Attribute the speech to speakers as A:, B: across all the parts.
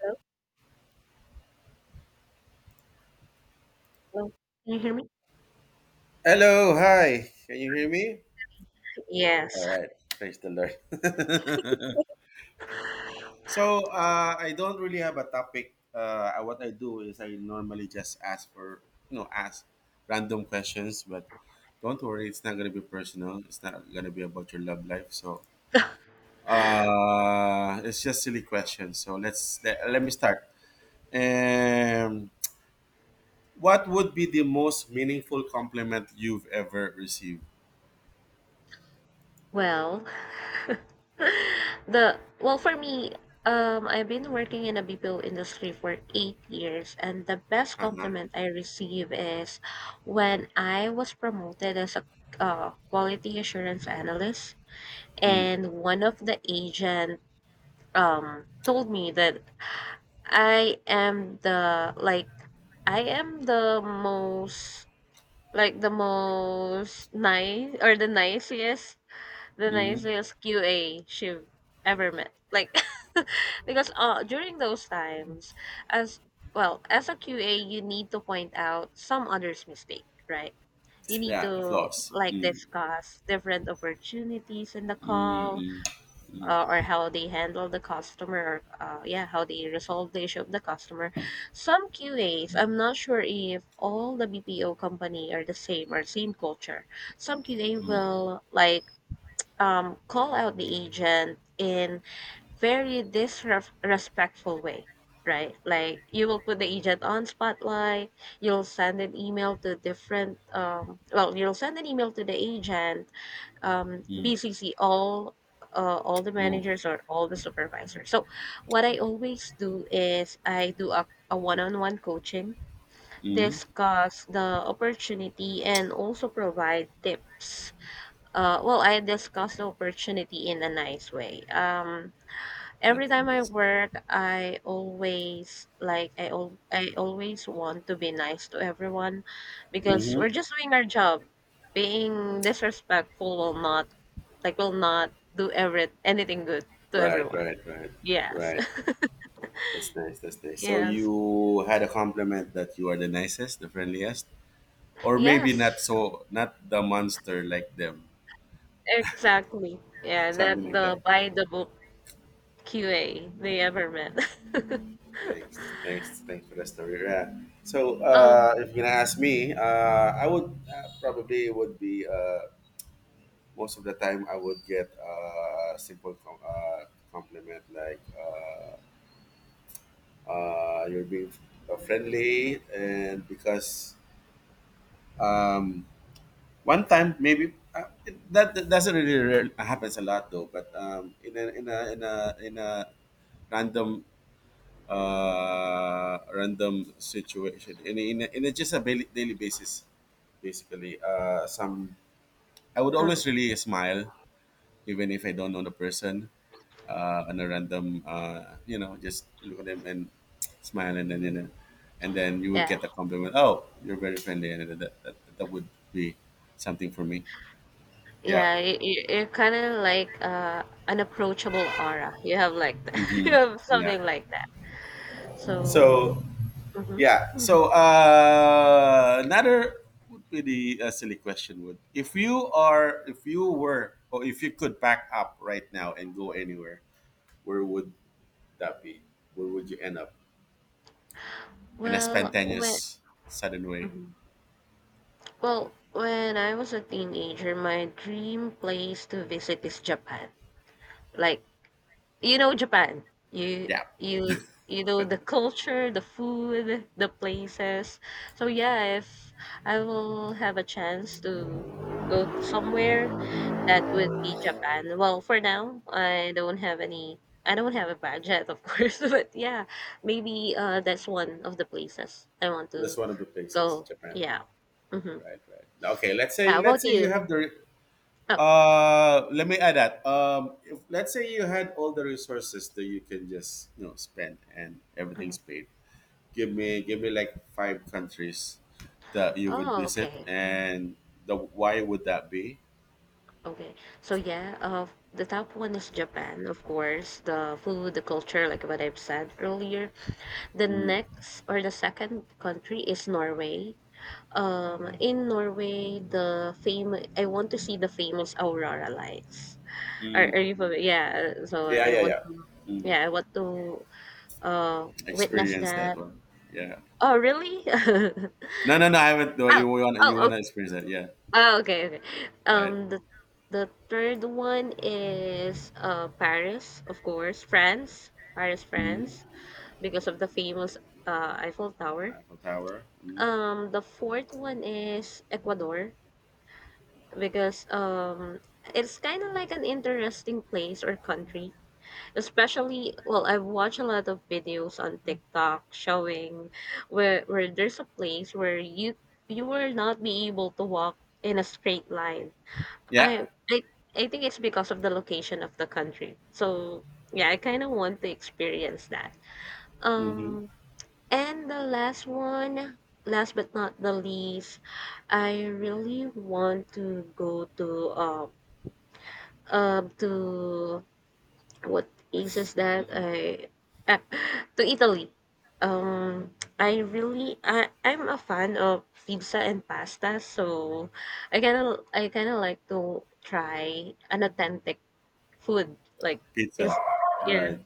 A: Hello? Can you hear me?
B: Hello, hi. Can you hear me?
A: Yes.
B: All right. Praise the Lord. So, I don't really have a topic. What I do is I normally just ask for, ask random questions, but don't worry, it's not going to be personal. It's not going to be about your love life. So, it's just silly questions. So, let me start. Um, what would be the most meaningful compliment you've ever received?
A: Well, the well for me, I've been working in a BPO industry for 8 years, and the best
B: Uh-huh.
A: compliment I receive is when I was promoted as a quality assurance analyst,
B: Mm.
A: and one of the agent told me that I am the like I am the most like the most nice or the
B: Mm.
A: nicest QA she ever met. Like Because during those times as well, as a QA you need to point out some others' mistake, right? You need
B: Yeah, the
A: to
B: flaws.
A: like
B: Mm.
A: discuss different opportunities in the call
B: Mm.
A: or how they handle the customer, or yeah, how they resolve the issue of the customer. Some QAs, I'm not sure if all the BPO company are the same or same culture. Some QA
B: Mm.
A: will like call out the agent in very disrespectful way. Right, like you will put the agent on spotlight. You'll send an email to different. You'll send an email to the agent BCC, all the
B: Mm.
A: managers or all the supervisors. So what I always do is I do a one-on-one coaching,
B: Mm.
A: discuss the opportunity, and also provide tips. I discuss the opportunity in a nice way.
B: That's
A: Every time I
B: nice.
A: work, I always want to be nice to everyone because
B: Mm-hmm.
A: we're just doing our job. Being disrespectful will not will not do every anything good to
B: Right,
A: everyone.
B: right, right,
A: Yes.
B: right. That's nice. That's nice. So
A: Yes.
B: you had a compliment that you are the nicest, the friendliest, or maybe
A: Yes.
B: not so, not the monster like them,
A: Exactly. Yeah,
B: something
A: not
B: like
A: the
B: that.
A: by the book QA they ever met.
B: Thanks, thanks, thanks for the story. Yeah. So
A: um
B: if you're gonna ask me, I would probably would be most of the time I would get a simple compliment like. You're being friendly and because um, one time maybe that, that doesn't really happens a lot though but in, a, in a in a in a random random situation in a, in, a, in a just a daily, daily basis basically some I would
A: mm.
B: always really smile even if I don't know the person on a random, just look at them and smile, and then and then you would get a compliment. Oh, you're very friendly, and that would be something for me. Yeah.
A: Yeah, you're kind of like an approachable aura. You have like you
B: Hmm.
A: have
B: Yeah.
A: something like that. So,
B: So
A: mhm.
B: yeah. So another would be the silly question would if you are if you could pack up right now and go anywhere, where would that be? Where would you end up in a
A: Well, when
B: spontaneous, sudden way?
A: mhm. Well, when I was a teenager, my dream place to visit is Japan. Like you know Japan,
B: Yeah.
A: you know the culture, the food, the places. So yeah, if I will have a chance to go somewhere, that would be Japan. Well, for now, I don't have a budget, of course, but yeah, maybe that's one of the places I want
B: That's
A: to
B: one of the places,
A: go.
B: Japan.
A: Yeah. Mm-hmm.
B: Right, right. Okay,
A: How about
B: let's say you
A: you?
B: have the
A: Oh.
B: let me add that. If, let's say you had all the resources that you can just, you know, spend and everything's
A: Mhm.
B: paid. Give me like five countries that you would
A: Oh,
B: visit
A: okay.
B: and the why would that be?
A: Okay. So yeah, the top one is Japan, of course, the food, the culture, like what I've said earlier. The next or the second country is Norway. In Norway, the fam I want to see the famous aurora lights. Are you familiar? Yeah, so
B: Yeah,
A: I
B: yeah,
A: want
B: yeah.
A: to yeah, I want to witness
B: Experience that
A: that.
B: one. Yeah.
A: Oh, really?
B: No, no, no, I haven't though.
A: Oh, oh,
B: You
A: oh,
B: want to experience that. Yeah.
A: oh, okay, okay.
B: Right.
A: Um, the third one is Paris, of course, France, Paris,
B: Mhm.
A: France, because of the famous Eiffel Tower.
B: Eiffel Tower. Mhm.
A: The fourth one is Ecuador because it's kind of like an interesting place or country, especially I have watched a lot of videos on TikTok showing where there's a place where you will not be able to walk in a straight line.
B: Yeah.
A: i i, I think it's because of the location of the country, so yeah, I kind of want to experience that.
B: Mhm.
A: um and the last one, last but not the least, I really want to go to um um, to what place is that? Ah, to Italy. I really I'm a fan of pizza and pasta, so I kind of like to try an authentic food like
B: Pizza.
A: this.
B: Right.
A: Yeah,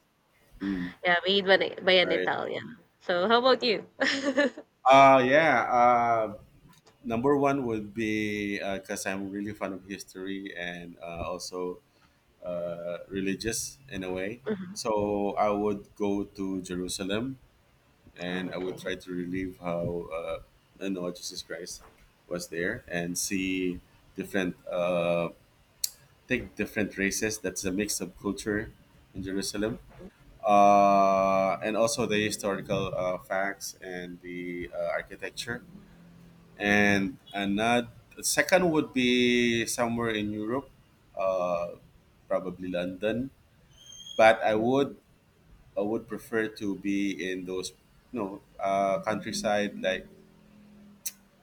B: Mm,
A: yeah, made by by an
B: right.
A: Italian. So how about you?
B: Yeah. Number one would be because I'm really fond of history and also religious in a way.
A: Mhm.
B: So I would go to Jerusalem
A: Oh,
B: and I would
A: okay,
B: try to relive how the Lord Jesus Christ was there and see different, take different races. That's a mix of culture in Jerusalem and also the historical facts and the architecture.
A: okay.
B: And another second would be somewhere in Europe, uh, probably London. But
A: Mhm,
B: I would prefer to be in those you know countryside like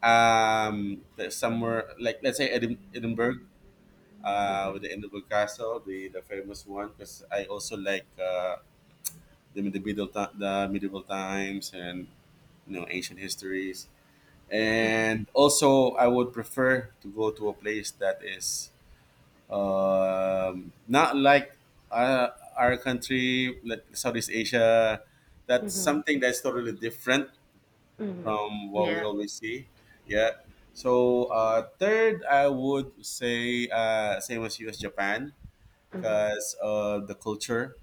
B: um somewhere like let's say Edinburgh. With
A: mhm,
B: the Edinburgh Castle, the famous one, because I also like the medieval times and you know ancient histories,
A: mhm,
B: and also I would prefer to go to a place that is not like uh, our country like Southeast Asia. That's
A: mhm,
B: something that's totally different
A: mhm.
B: from what we
A: Yeah.
B: always see. Yeah. So third I would say same as you as Japan,
A: Mhm.
B: because the culture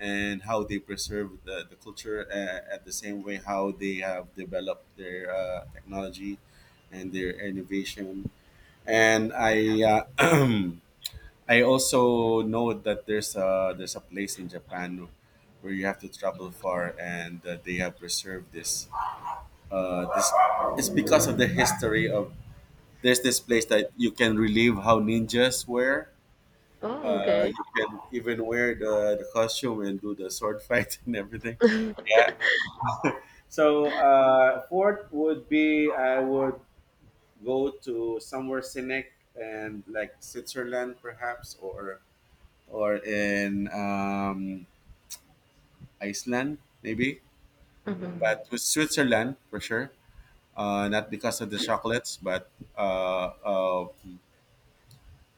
B: and how they preserve the culture at the same way how they have developed their technology and their innovation. And i uh, I also know that there's a place in Japan where you have to travel far and they have preserved this. It's because of the history of there's this place that you can relive how ninjas were.
A: Oh, okay.
B: You can even wear the costume and do the sword fight and everything. Yeah. So fourth would be I would go to somewhere scenic and like Switzerland perhaps or in Iceland maybe,
A: Mhm,
B: but to Switzerland for sure. Not because of the chocolates, but uh, uh,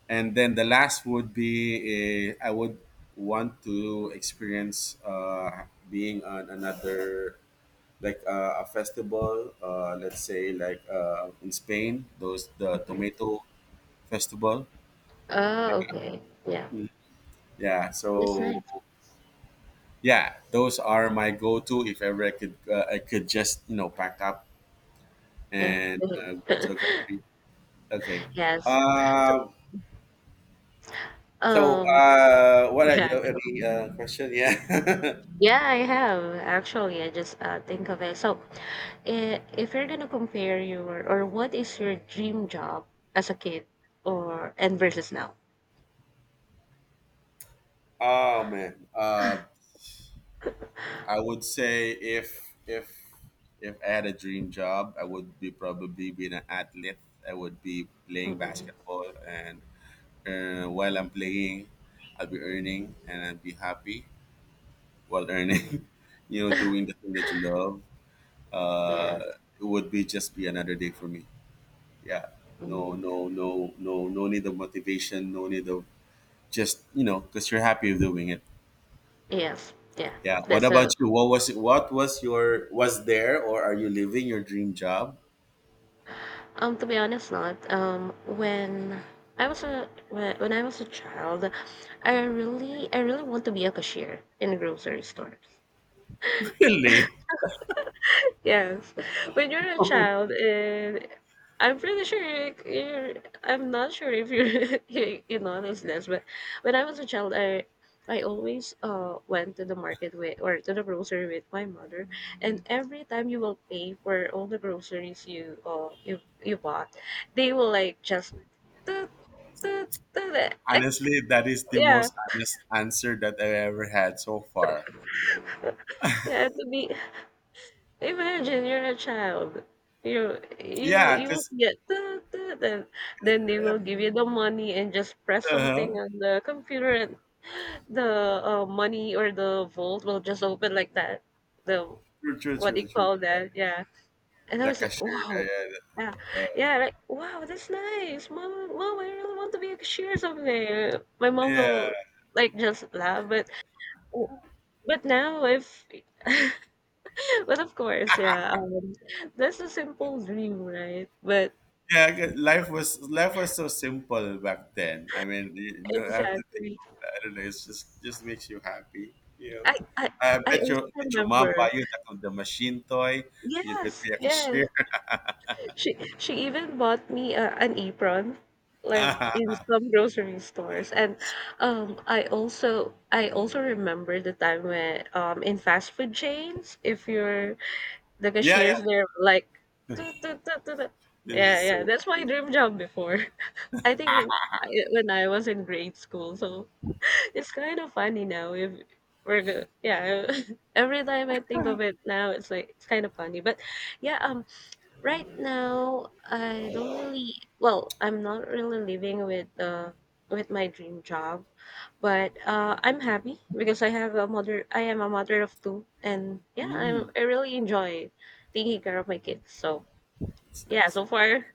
B: and then the last would be I would want to experience being on another like a festival, let's say like in Spain, those the
A: mhm.
B: tomato festival.
A: Oh, okay. Yeah.
B: Mm. Yeah,
A: That's
B: so
A: nice.
B: yeah, those are my go-to if ever I could just you know pack up
A: Yeah.
B: and
A: Mhm.
B: go to a country. Okay.
A: Yes. So,
B: Um. So
A: um,
B: what are
A: yeah,
B: you
A: I
B: have
A: do.
B: any question? Yeah.
A: Yeah, I have actually. I just think of it. So, if you're gonna compare your or what is your dream job as a kid, or and versus now?
B: Oh man. I would say if I had a dream job, I would be probably being an athlete. I would be playing
A: Mm-hmm.
B: basketball, and while I'm playing, I'll be earning, and I'll be happy while earning.
A: Mm-hmm.
B: You know, doing the thing that you love.
A: Yes.
B: Uh, it would be just be another day for me. Yeah. No,
A: Mhm.
B: no, no, no, no need of motivation. No need of just you know, because you're happy of doing it.
A: Yes. Yeah.
B: Yeah. What
A: That's a—
B: about you? What was it? What was your was there or are you living your dream job?
A: To be honest, not. Um, when I was a child, I really want to be a cashier in a grocery store.
B: Really?
A: Yes, when you're a child, and I'm pretty sure you you're I'm not sure if you're, you notice this, but when I was a child, I always went to the market with, or to the grocery with my mother, and every time you will pay for all the groceries you bought, they will like just toot, toot, toot, eh, eh,
B: Honestly, that is the
A: yeah,
B: most honest answer that I ever had so far.
A: yeah. To be— imagine you're a child.
B: Yeah,
A: You will
B: because
A: get, then they will give you the money and just press something
B: uh-huh.
A: on the computer and the money or the vault will just open like that. The—
B: True, true,
A: what do you
B: true, true.
A: call
B: Yeah,
A: that? Yeah. And I
B: the
A: was like,
B: cashier.
A: wow.
B: Yeah,
A: Yeah.
B: yeah. Uh,
A: Yeah, like wow, that's nice. Mom, I really want to be a cashier someday. My mom
B: yeah,
A: will like just laugh, but now if but of course, yeah, that's a simple dream, right? But
B: yeah. 'Cause life was so simple back then. I mean, you know, I have to think.
A: exactly,
B: Of, that. I don't know. It's just makes you happy. You know.
A: I, I,
B: I
A: I
B: bet
A: also
B: your did your mom
A: remember.
B: buy you the machine toy? You could
A: Yes,
B: be a
A: yes.
B: cashier.
A: She even bought me an apron, like in
B: Ah,
A: some grocery stores. And I also remember the time when, in fast food chains, if you're the
B: yeah, yeah.
A: cashiers, they're like, "Toot, toot, toot, toot, toot."
B: This is
A: Yeah, yeah.
B: so
A: That's my dream job before. I think in I When I was in grade school, so it's kind of funny now. If we're go Yeah, every time I think of it now, it's like, it's kind of funny. But yeah, right now I don't really— I'm not really living with my dream job, but I'm happy because I am a mother of two, and yeah,
B: Mm.
A: I really enjoy taking care of my kids. So
B: It's
A: yeah,
B: nice.
A: so far,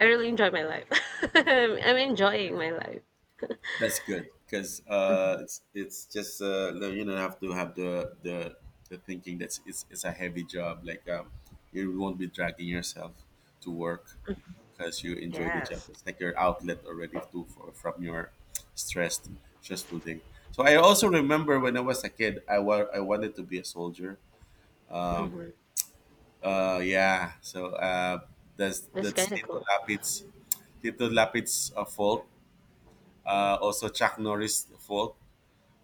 A: I really enjoy my life. I'm enjoying my life.
B: That's good because
A: Mhm.
B: it's you don't have to have the thinking that it's a heavy job. Like you won't be dragging yourself to work because you enjoy the job.
A: Yes.
B: It's like your outlet already too for, from your stressed stressful day. So I also remember when I was a kid, I wanted to be a soldier.
A: Hmm.
B: Um, yeah. So
A: That's kind
B: that's
A: of
B: Lito
A: cool.
B: Lapit's Tito Lapid's fault, also Chuck Norris' fault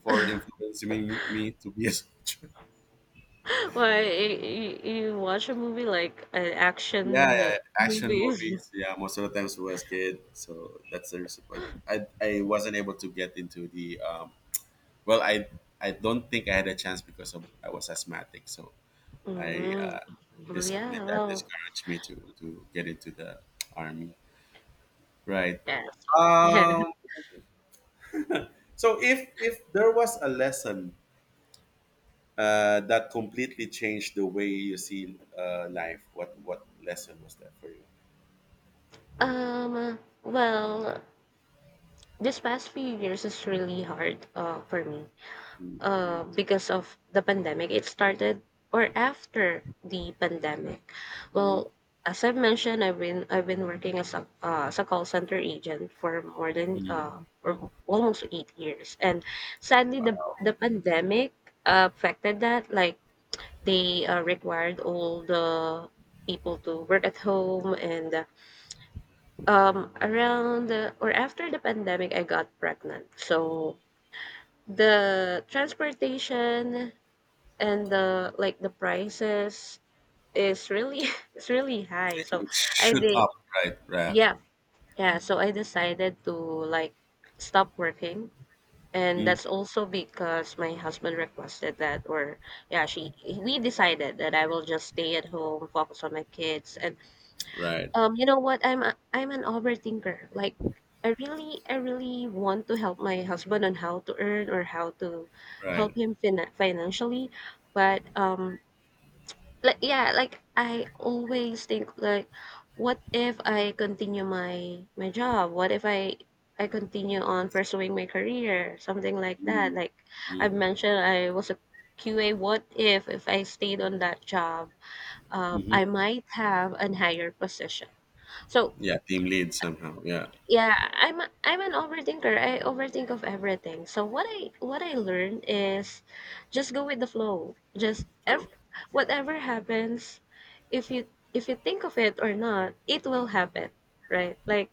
B: for influencing me to be a soldier.
A: Why, you watch a movie like an
B: Yeah,
A: action
B: yeah, action
A: movie?
B: movies. Yeah, most of the times when I was a kid, so that's the reason why. But I wasn't able to get into the well. I I don't think I had a chance because of, I was asthmatic. So I
A: Mm. Well,
B: just my
A: yeah,
B: dad
A: well,
B: discouraged me to get into the army. Right.
A: yeah, so, yeah.
B: Um. So if there was a lesson that completely changed the way you see life? What lesson was that for you?
A: Um, well, this past few years is really hard for me
B: Mm, mm,
A: because of the pandemic. It started or after the pandemic.
B: mm,
A: Well, as I've mentioned, I've been working as a call center agent for more than
B: mm.
A: or almost 8 years, and sadly, the pandemic affected that. Like they required all the people to work at home and around the, or after the pandemic, I got pregnant. So the transportation and the like the prices is really it's really high, so
B: It
A: I
B: shoot
A: did
B: up, right? Right,
A: yeah, yeah, so I decided to like stop working, and
B: mm,
A: that's also because my husband requested that. Or yeah, she we decided that I will just stay at home, focus on my kids. And
B: right,
A: you know what, I'm an overthinker. Like I really want to help my husband on how to earn, or how to
B: right.
A: help him financially. But like yeah, like I always think like, what if I continue my job? What if I continue on pursuing my career? Something like that. Like I've mentioned, I was a QA. What if I stayed on that job,
B: Mhm.
A: I might have a higher position. So
B: Yeah, team lead somehow. Yeah,
A: yeah, I'm an overthinker. I overthink of everything. So what I learned is just go with the flow. Just ev
B: true.
A: Whatever happens, if you if you think of it or not, it will happen, right?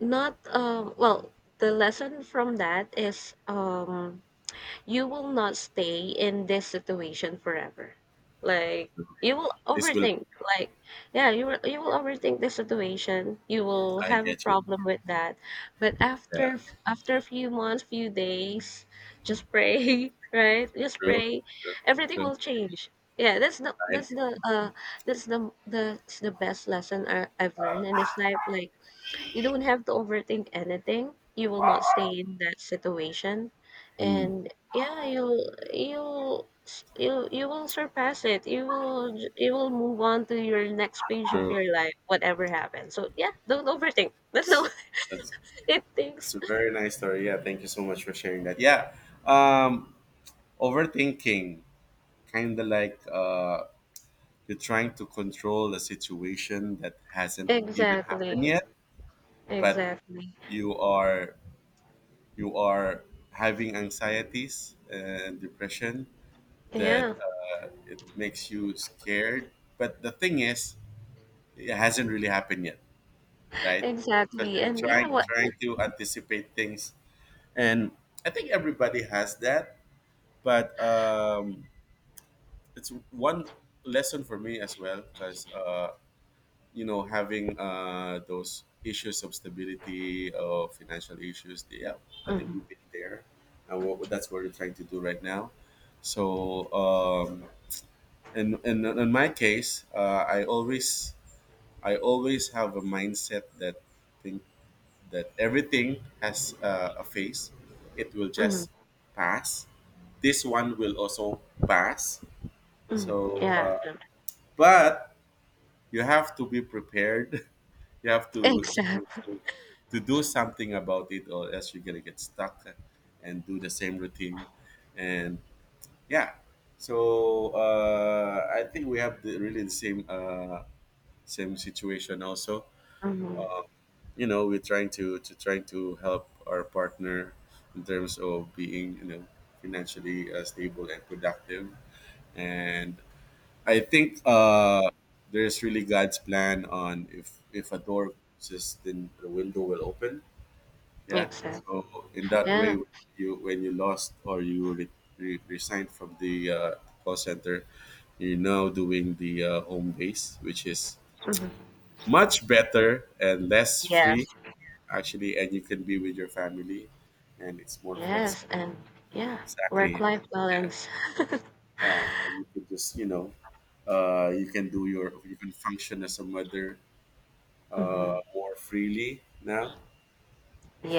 A: Not well, The lesson from that is, you will not stay in this situation forever. Like
B: True.
A: you will
B: This will,
A: overthink. Like yeah, you will overthink the situation. You will
B: I
A: have a
B: get you.
A: problem with that. But
B: Yeah,
A: after, a few months, few days, just pray, right? Just
B: true,
A: pray.
B: true,
A: Everything
B: true.
A: will change. Yeah, that's the—
B: Right,
A: that's the— that's the best lesson I've learned in this life. Like you don't have to overthink anything. You will not stay in that situation,
B: Mm.
A: and yeah, you you will surpass it. You will move on to your next page of
B: true.
A: your life, whatever happens. So yeah, don't overthink. That's all
B: That's
A: it thinks.
B: that's a very nice story. Yeah, thank you so much for sharing that. Yeah, um, overthinking, kind of like you're trying to control a situation that hasn't even
A: Exactly,
B: happened yet, but
A: exactly.
B: you are you are having anxieties and depression that
A: Yeah,
B: it makes you scared. But the thing is, it hasn't really happened yet, right? Because
A: exactly.
B: you're
A: And yeah, what?
B: trying to anticipate things, and I think everybody has that. But it's one lesson for me as well because you know having those issues of stability of financial issues, yeah, I think
A: Mm-hmm,
B: we've been there. And what, that's what we're trying to do right now. So and in my case I always have a mindset that think that everything has a phase. It will
A: mm-hmm,
B: just pass. This one will also pass.
A: mm.
B: So
A: Yeah,
B: but you have to be prepared. You have to
A: exactly.
B: to do something about it, or else you're gonna get stuck and do the same routine. And yeah, so I think we have really the same same situation. Also,
A: Mm-hmm,
B: you know, we're trying to trying to help our partner in terms of being you know financially stable and productive. And I think there's really God's plan on if a door closes, then the window will open. Yeah.
A: exactly.
B: So in that way,
A: Yeah.
B: you when you lost or you resigned from the call center, you're now doing the home base, which is
A: Mhm.
B: much better and less
A: Yeah.
B: free actually, and you can be with your family, and it's more flexible.
A: Yes, and yeah,
B: Exactly.
A: work-life balance.
B: Yeah, and you can just you know, you can do your you can function as a mother
A: Hmm.
B: more freely now.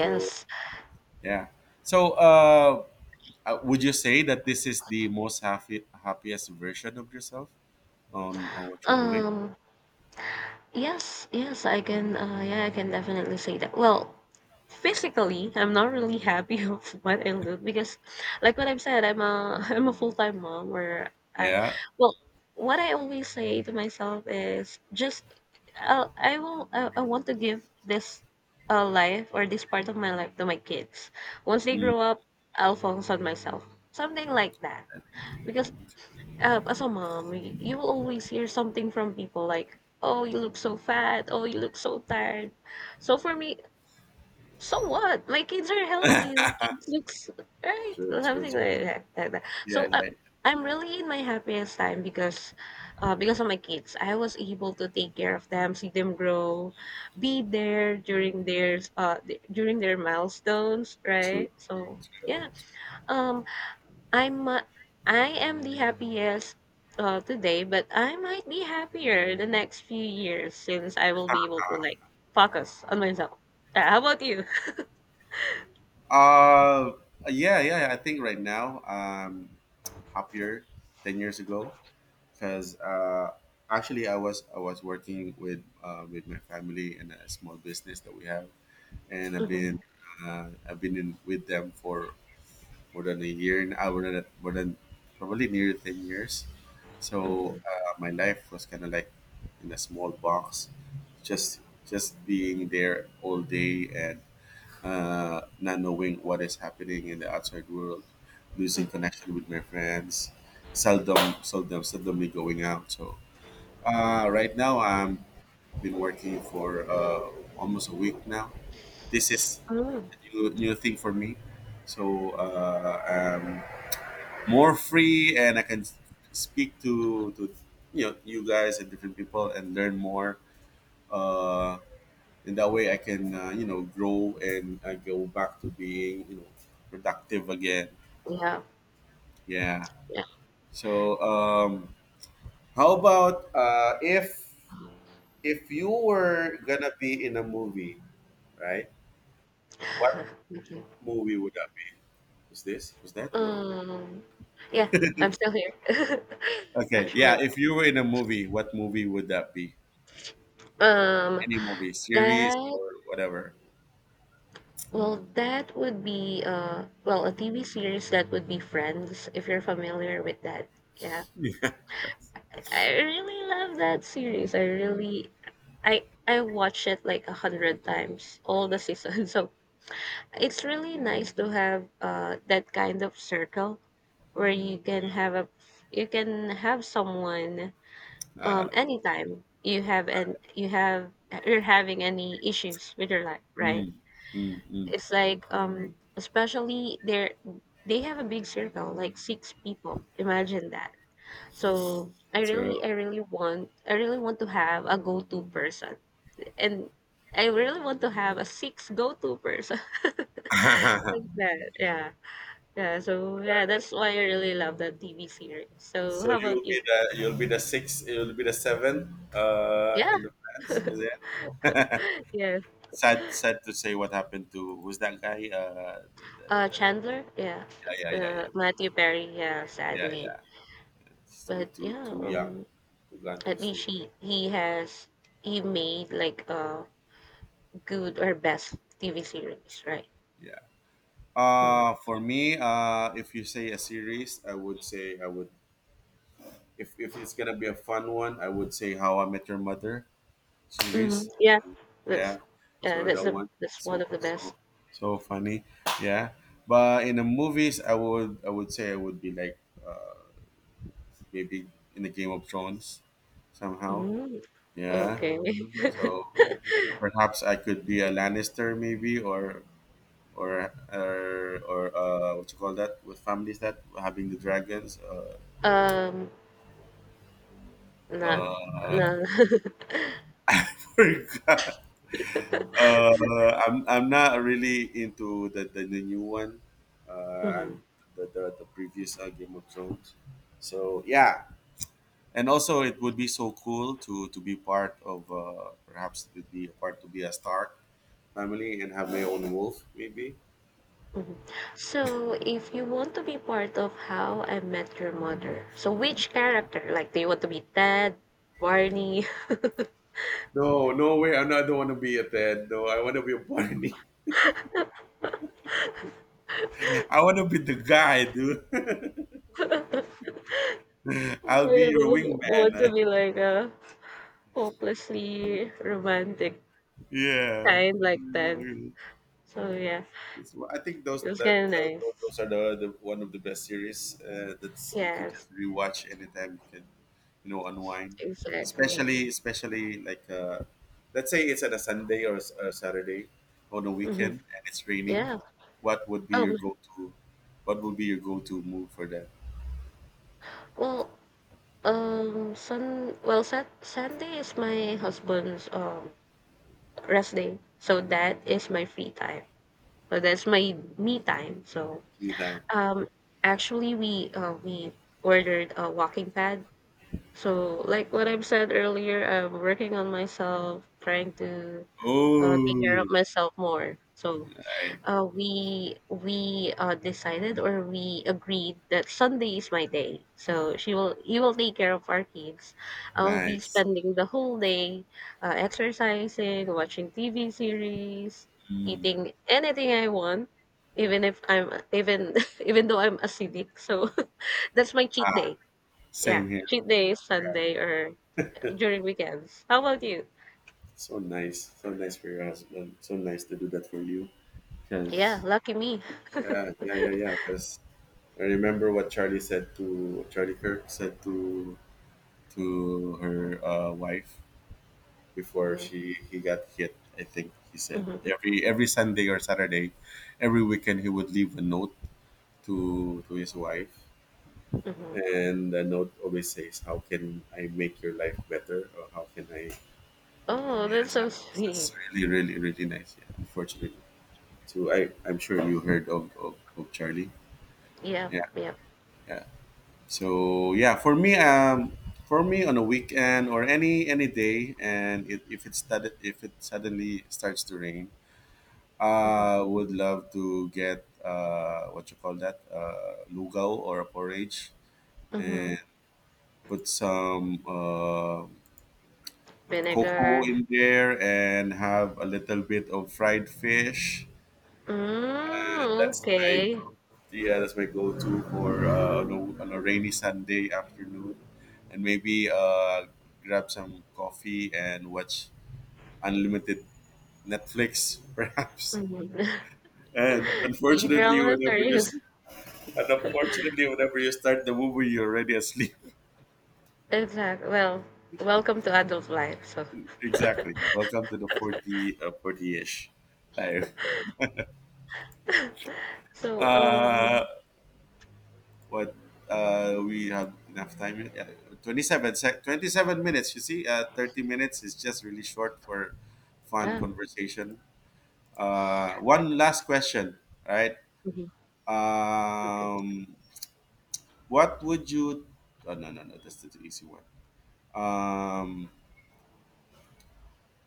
B: So yeah. So would you say that this is the most happy happiest version of yourself on what you're doing?
A: Um, yes, yes, I can, yeah, I can definitely say that. Well, physically, I'm not really happy of what I look because, like what I've said, I'm a I'm a full-time mom where
B: Yeah.
A: well, what I always say to myself is just, I will, I want to give this, life or this part of my life to my kids. Once they
B: Mm.
A: grow up, I'll focus on myself. Something like that. Because as a mom, you will always hear something from people like, "Oh, you look so fat. Oh, you look so tired." So for me, so what? My kids are healthy. My kids looks right,
B: True, true,
A: something
B: true.
A: like that. Like that.
B: Yeah, yeah.
A: I'm really in my happiest time because of my kids, I was able to take care of them, see them grow, be there during during their milestones,
B: True.
A: right? So
B: True.
A: yeah. Um, I'm uh, I am the happiest today, but I might be happier the next few years since I will be able to like focus on myself. How about you?
B: Uh, yeah, yeah. Yeah. I think right now happier 10 years ago because actually I was working with my family in a small business that we have, and I've been in with them for more than a year and more than probably near 10 years.
A: Mhm,
B: So
A: mhm,
B: my life was kind of like in a small box, just being there all day and not knowing what is happening in the outside world, losing
A: mhm.
B: connection with my friends, seldomly going out. So right now I'm been working for almost a week now. This is
A: Mm,
B: a new thing for me. So um, more free and I can speak to you guys and different people and learn more. Uh, in that way, I can grow and I go back to being productive again.
A: yeah,
B: Yeah.
A: yeah.
B: So how about if you were gonna be in a movie, right? What
A: Thank you.
B: movie would that be? Is this? Was that? Hello.
A: Um, yeah, I'm still here.
B: Okay.
A: Actually,
B: Yeah. If you were in a movie, what movie would that be?
A: um,
B: Any movie, series,
A: that
B: or whatever.
A: well, that would be well, a TV series that would be Friends, if you're familiar with that. Yeah.
B: Yeah.
A: I really love that series. I really I watched it like a hundred times, all the seasons. So it's really nice to have that kind of circle where you can have someone
B: Uh,
A: anytime you have you're having any issues with your life, right?
B: mm, mm, mm.
A: It's like especially they have a big circle, like six people. Imagine that. So
B: True.
A: I really want to have a go-to person, and I really want to have a six go-to person. like that, yeah, yeah. So yeah, that's why I really love that TV series. So
B: so
A: how about
B: you'll be
A: you?
B: the sixth, you'll be the seventh
A: Yeah,
B: in the plans, is it?
A: yeah.
B: sad, to say what happened to who's that guy?
A: Chandler, yeah.
B: Yeah,
A: Matthew Perry, yeah. Sadly,
B: yeah. It's too,
A: but yeah.
B: too young. Too gone too
A: At
B: soon.
A: least he has he made like a good or best TV series, right?
B: Yeah. For me, if you say a series, I would say I would. If it's gonna be a fun one, I would say How I Met Your Mother
A: Mhm.
B: series.
A: Yeah, that's
B: Yeah.
A: yeah,
B: So that one
A: that's
B: is
A: one of the best.
B: so funny. Yeah. But in the movies I would say I would be like uh, maybe in the Game of Thrones somehow.
A: Mm,
B: Yeah.
A: okay.
B: So perhaps I could be a Lannister maybe or what you call that with families that having the dragons
A: Um, not
B: uh,
A: no.
B: forgot. Uh, I'm not really into the new one. And
A: hmm
B: the previous Game of Thrones. So yeah, and also it would be so cool to be part of perhaps to be a part to be a Stark family and have my own wolf maybe.
A: hmm So, if you want to be part of How I Met Your Mother, so which character? Like, do you want to be Ted, Barney?
B: No, no way. I don't want to be a Ted. No, I want to be a Barney. I want to be the guy, dude.
A: Or
B: I'll be
A: you
B: your
A: don't want to
B: wingman.
A: be like a hopelessly romantic
B: Yeah.
A: kind like Ted? So yeah,
B: I think
A: it was kind of
B: those,
A: nice.
B: are the one of the best series that's you can
A: Yes,
B: just rewatch anytime you can, you know, unwind.
A: exactly.
B: Especially, like let's say it's at a Sunday or s- a Saturday on a
A: Mhm.
B: weekend and it's raining.
A: Yeah.
B: What would be
A: Um,
B: your go-to? What would be your go-to move for that?
A: well, sun, well, Sat Sunday is my husband's rest day, so that is my free time. So that's my me time. So,
B: Be that.
A: um, actually, we ordered a walking pad. So, like what I've said earlier, I'm working on myself, trying to take care of
B: Oh,
A: myself more. So
B: right.
A: We decided or we agreed that Sunday is my day. So she will he will take care of our kids. I'll be
B: Nice.
A: spending the whole day exercising, watching TV series,
B: Mm.
A: eating anything I want, even if I'm even even though I'm acidic. So that's my cheat day. Yeah,
B: Same here.
A: cheat day is Sunday or during weekends. How about you?
B: So nice for your husband. So nice to do that for you.
A: Yeah,
B: Because
A: lucky me.
B: yeah, because I remember what Charlie Kirk said to her wife before
A: Mm-hmm.
B: she he got hit. I think he said every Sunday or Saturday, every weekend he would leave a note to his wife,
A: hmm
B: and the note always says, "How can I make your life better?" or "How can I?"
A: Oh,
B: Yeah,
A: that's so
B: something. So
A: sweet.
B: that's really, really nice. Yeah, unfortunately. So I'm sure you heard of Charlie.
A: Yep,
B: Yeah,
A: yep.
B: yeah. So yeah, for me on a weekend or any day, and if it suddenly starts to rain,
A: Mhm,
B: I would love to get what you call that lugaw or a porridge,
A: mhm.
B: and put some cocoa
A: Vinegar.
B: in there, and have a little bit of fried fish.
A: Mm,
B: That's my
A: okay.
B: Yeah, that's my go-to for on a rainy Sunday afternoon, and maybe grab some coffee and watch unlimited Netflix, perhaps.
A: Mhm.
B: And unfortunately,
A: K-dramas are
B: whenever you
A: you?
B: s- and unfortunately, whenever you start the movie, you're already asleep.
A: Exactly. Well, welcome to adult life. So,
B: Exactly. Welcome to the 40-ish time.
A: so
B: Uh, what We have enough time yet? Yeah, 27 minutes you see 30 minutes is just really short for fun
A: yeah.
B: conversation. One last question, right?
A: Mhm, Okay.
B: um, what would you— oh no that's the easy one. um,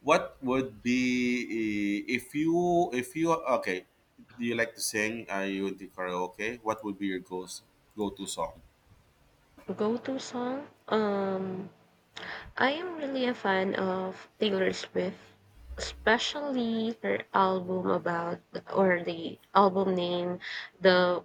B: what would be— if you— okay, do you like to sing? Are you into karaoke? What would be your go go-to song?
A: Go-to song. I am really a fan of Taylor Swift, especially her album about or the album name, the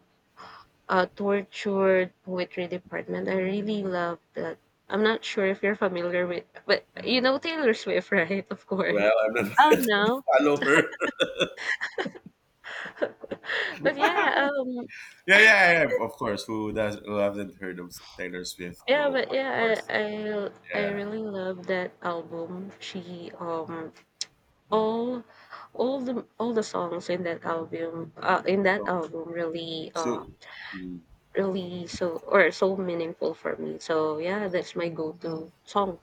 A: tortured poetry department. I really love that. I'm not sure if you're familiar with, but you know Taylor Swift, right? Of course.
B: Well, I'm not
A: Oh
B: a
A: no.
B: follower.
A: but yeah, um,
B: Yeah, yeah, of course, who haven't heard of Taylor Swift, the
A: yeah, but
B: White
A: yeah,
B: Horse?
A: I
B: Yeah.
A: really love that album. She all all the songs in that
B: So,
A: album really
B: so mm,
A: so meaningful for me. So yeah, that's my go-to song.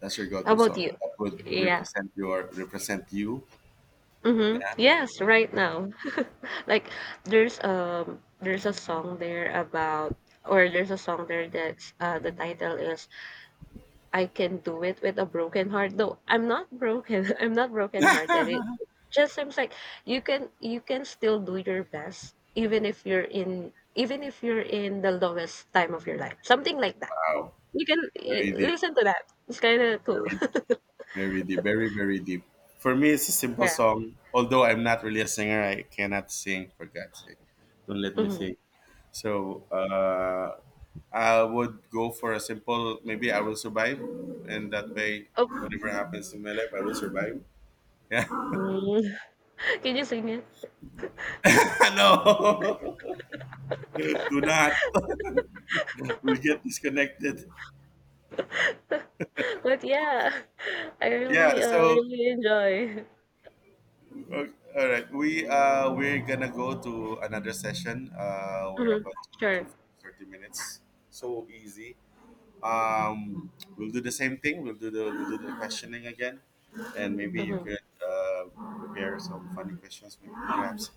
B: that's your
A: How
B: go-to
A: about
B: song
A: you?
B: that would
A: Yeah.
B: represent you.
A: Mhm. Yes, right now. Like there's a song there that's the title is I Can Do It with a Broken Heart. Though I'm not broken. I'm not broken hearted. It just seems like you can still do your best even if you're in the lowest time of your life. Something like that.
B: Wow,
A: You can
B: very deep,
A: listen to that. It's kind of
B: very,
A: cool.
B: deep, very deep, very, very deep. For me, it's a simple
A: Yeah.
B: song. Although I'm not really a singer, I cannot sing. For God's sake, don't let me
A: Mm-hmm.
B: sing. So I would go for a simple. Maybe I will survive, and that way,
A: Oh,
B: whatever happens to my life, I will survive. Yeah.
A: mm. Can you sing it?
B: no, do not. We'll get disconnected.
A: But yeah,
B: Yeah. So,
A: really enjoy.
B: uh, all right. We we're gonna go to another session. We're
A: Mhm.
B: about to
A: Sure.
B: 30 minutes. So easy. We'll do the same thing. We'll do the questioning again, and maybe you
A: Mhm.
B: could prepare some funny questions, maybe perhaps.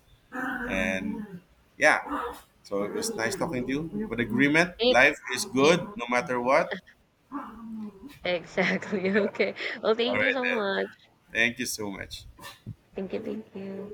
B: And yeah. So it was nice talking to you. But agreement, life is good
A: Maybe.
B: no matter what.
A: Exactly. Okay. Well,
B: All
A: thank you
B: right
A: so
B: then.
A: much.
B: Thank you so much.
A: Thank you. Thank you.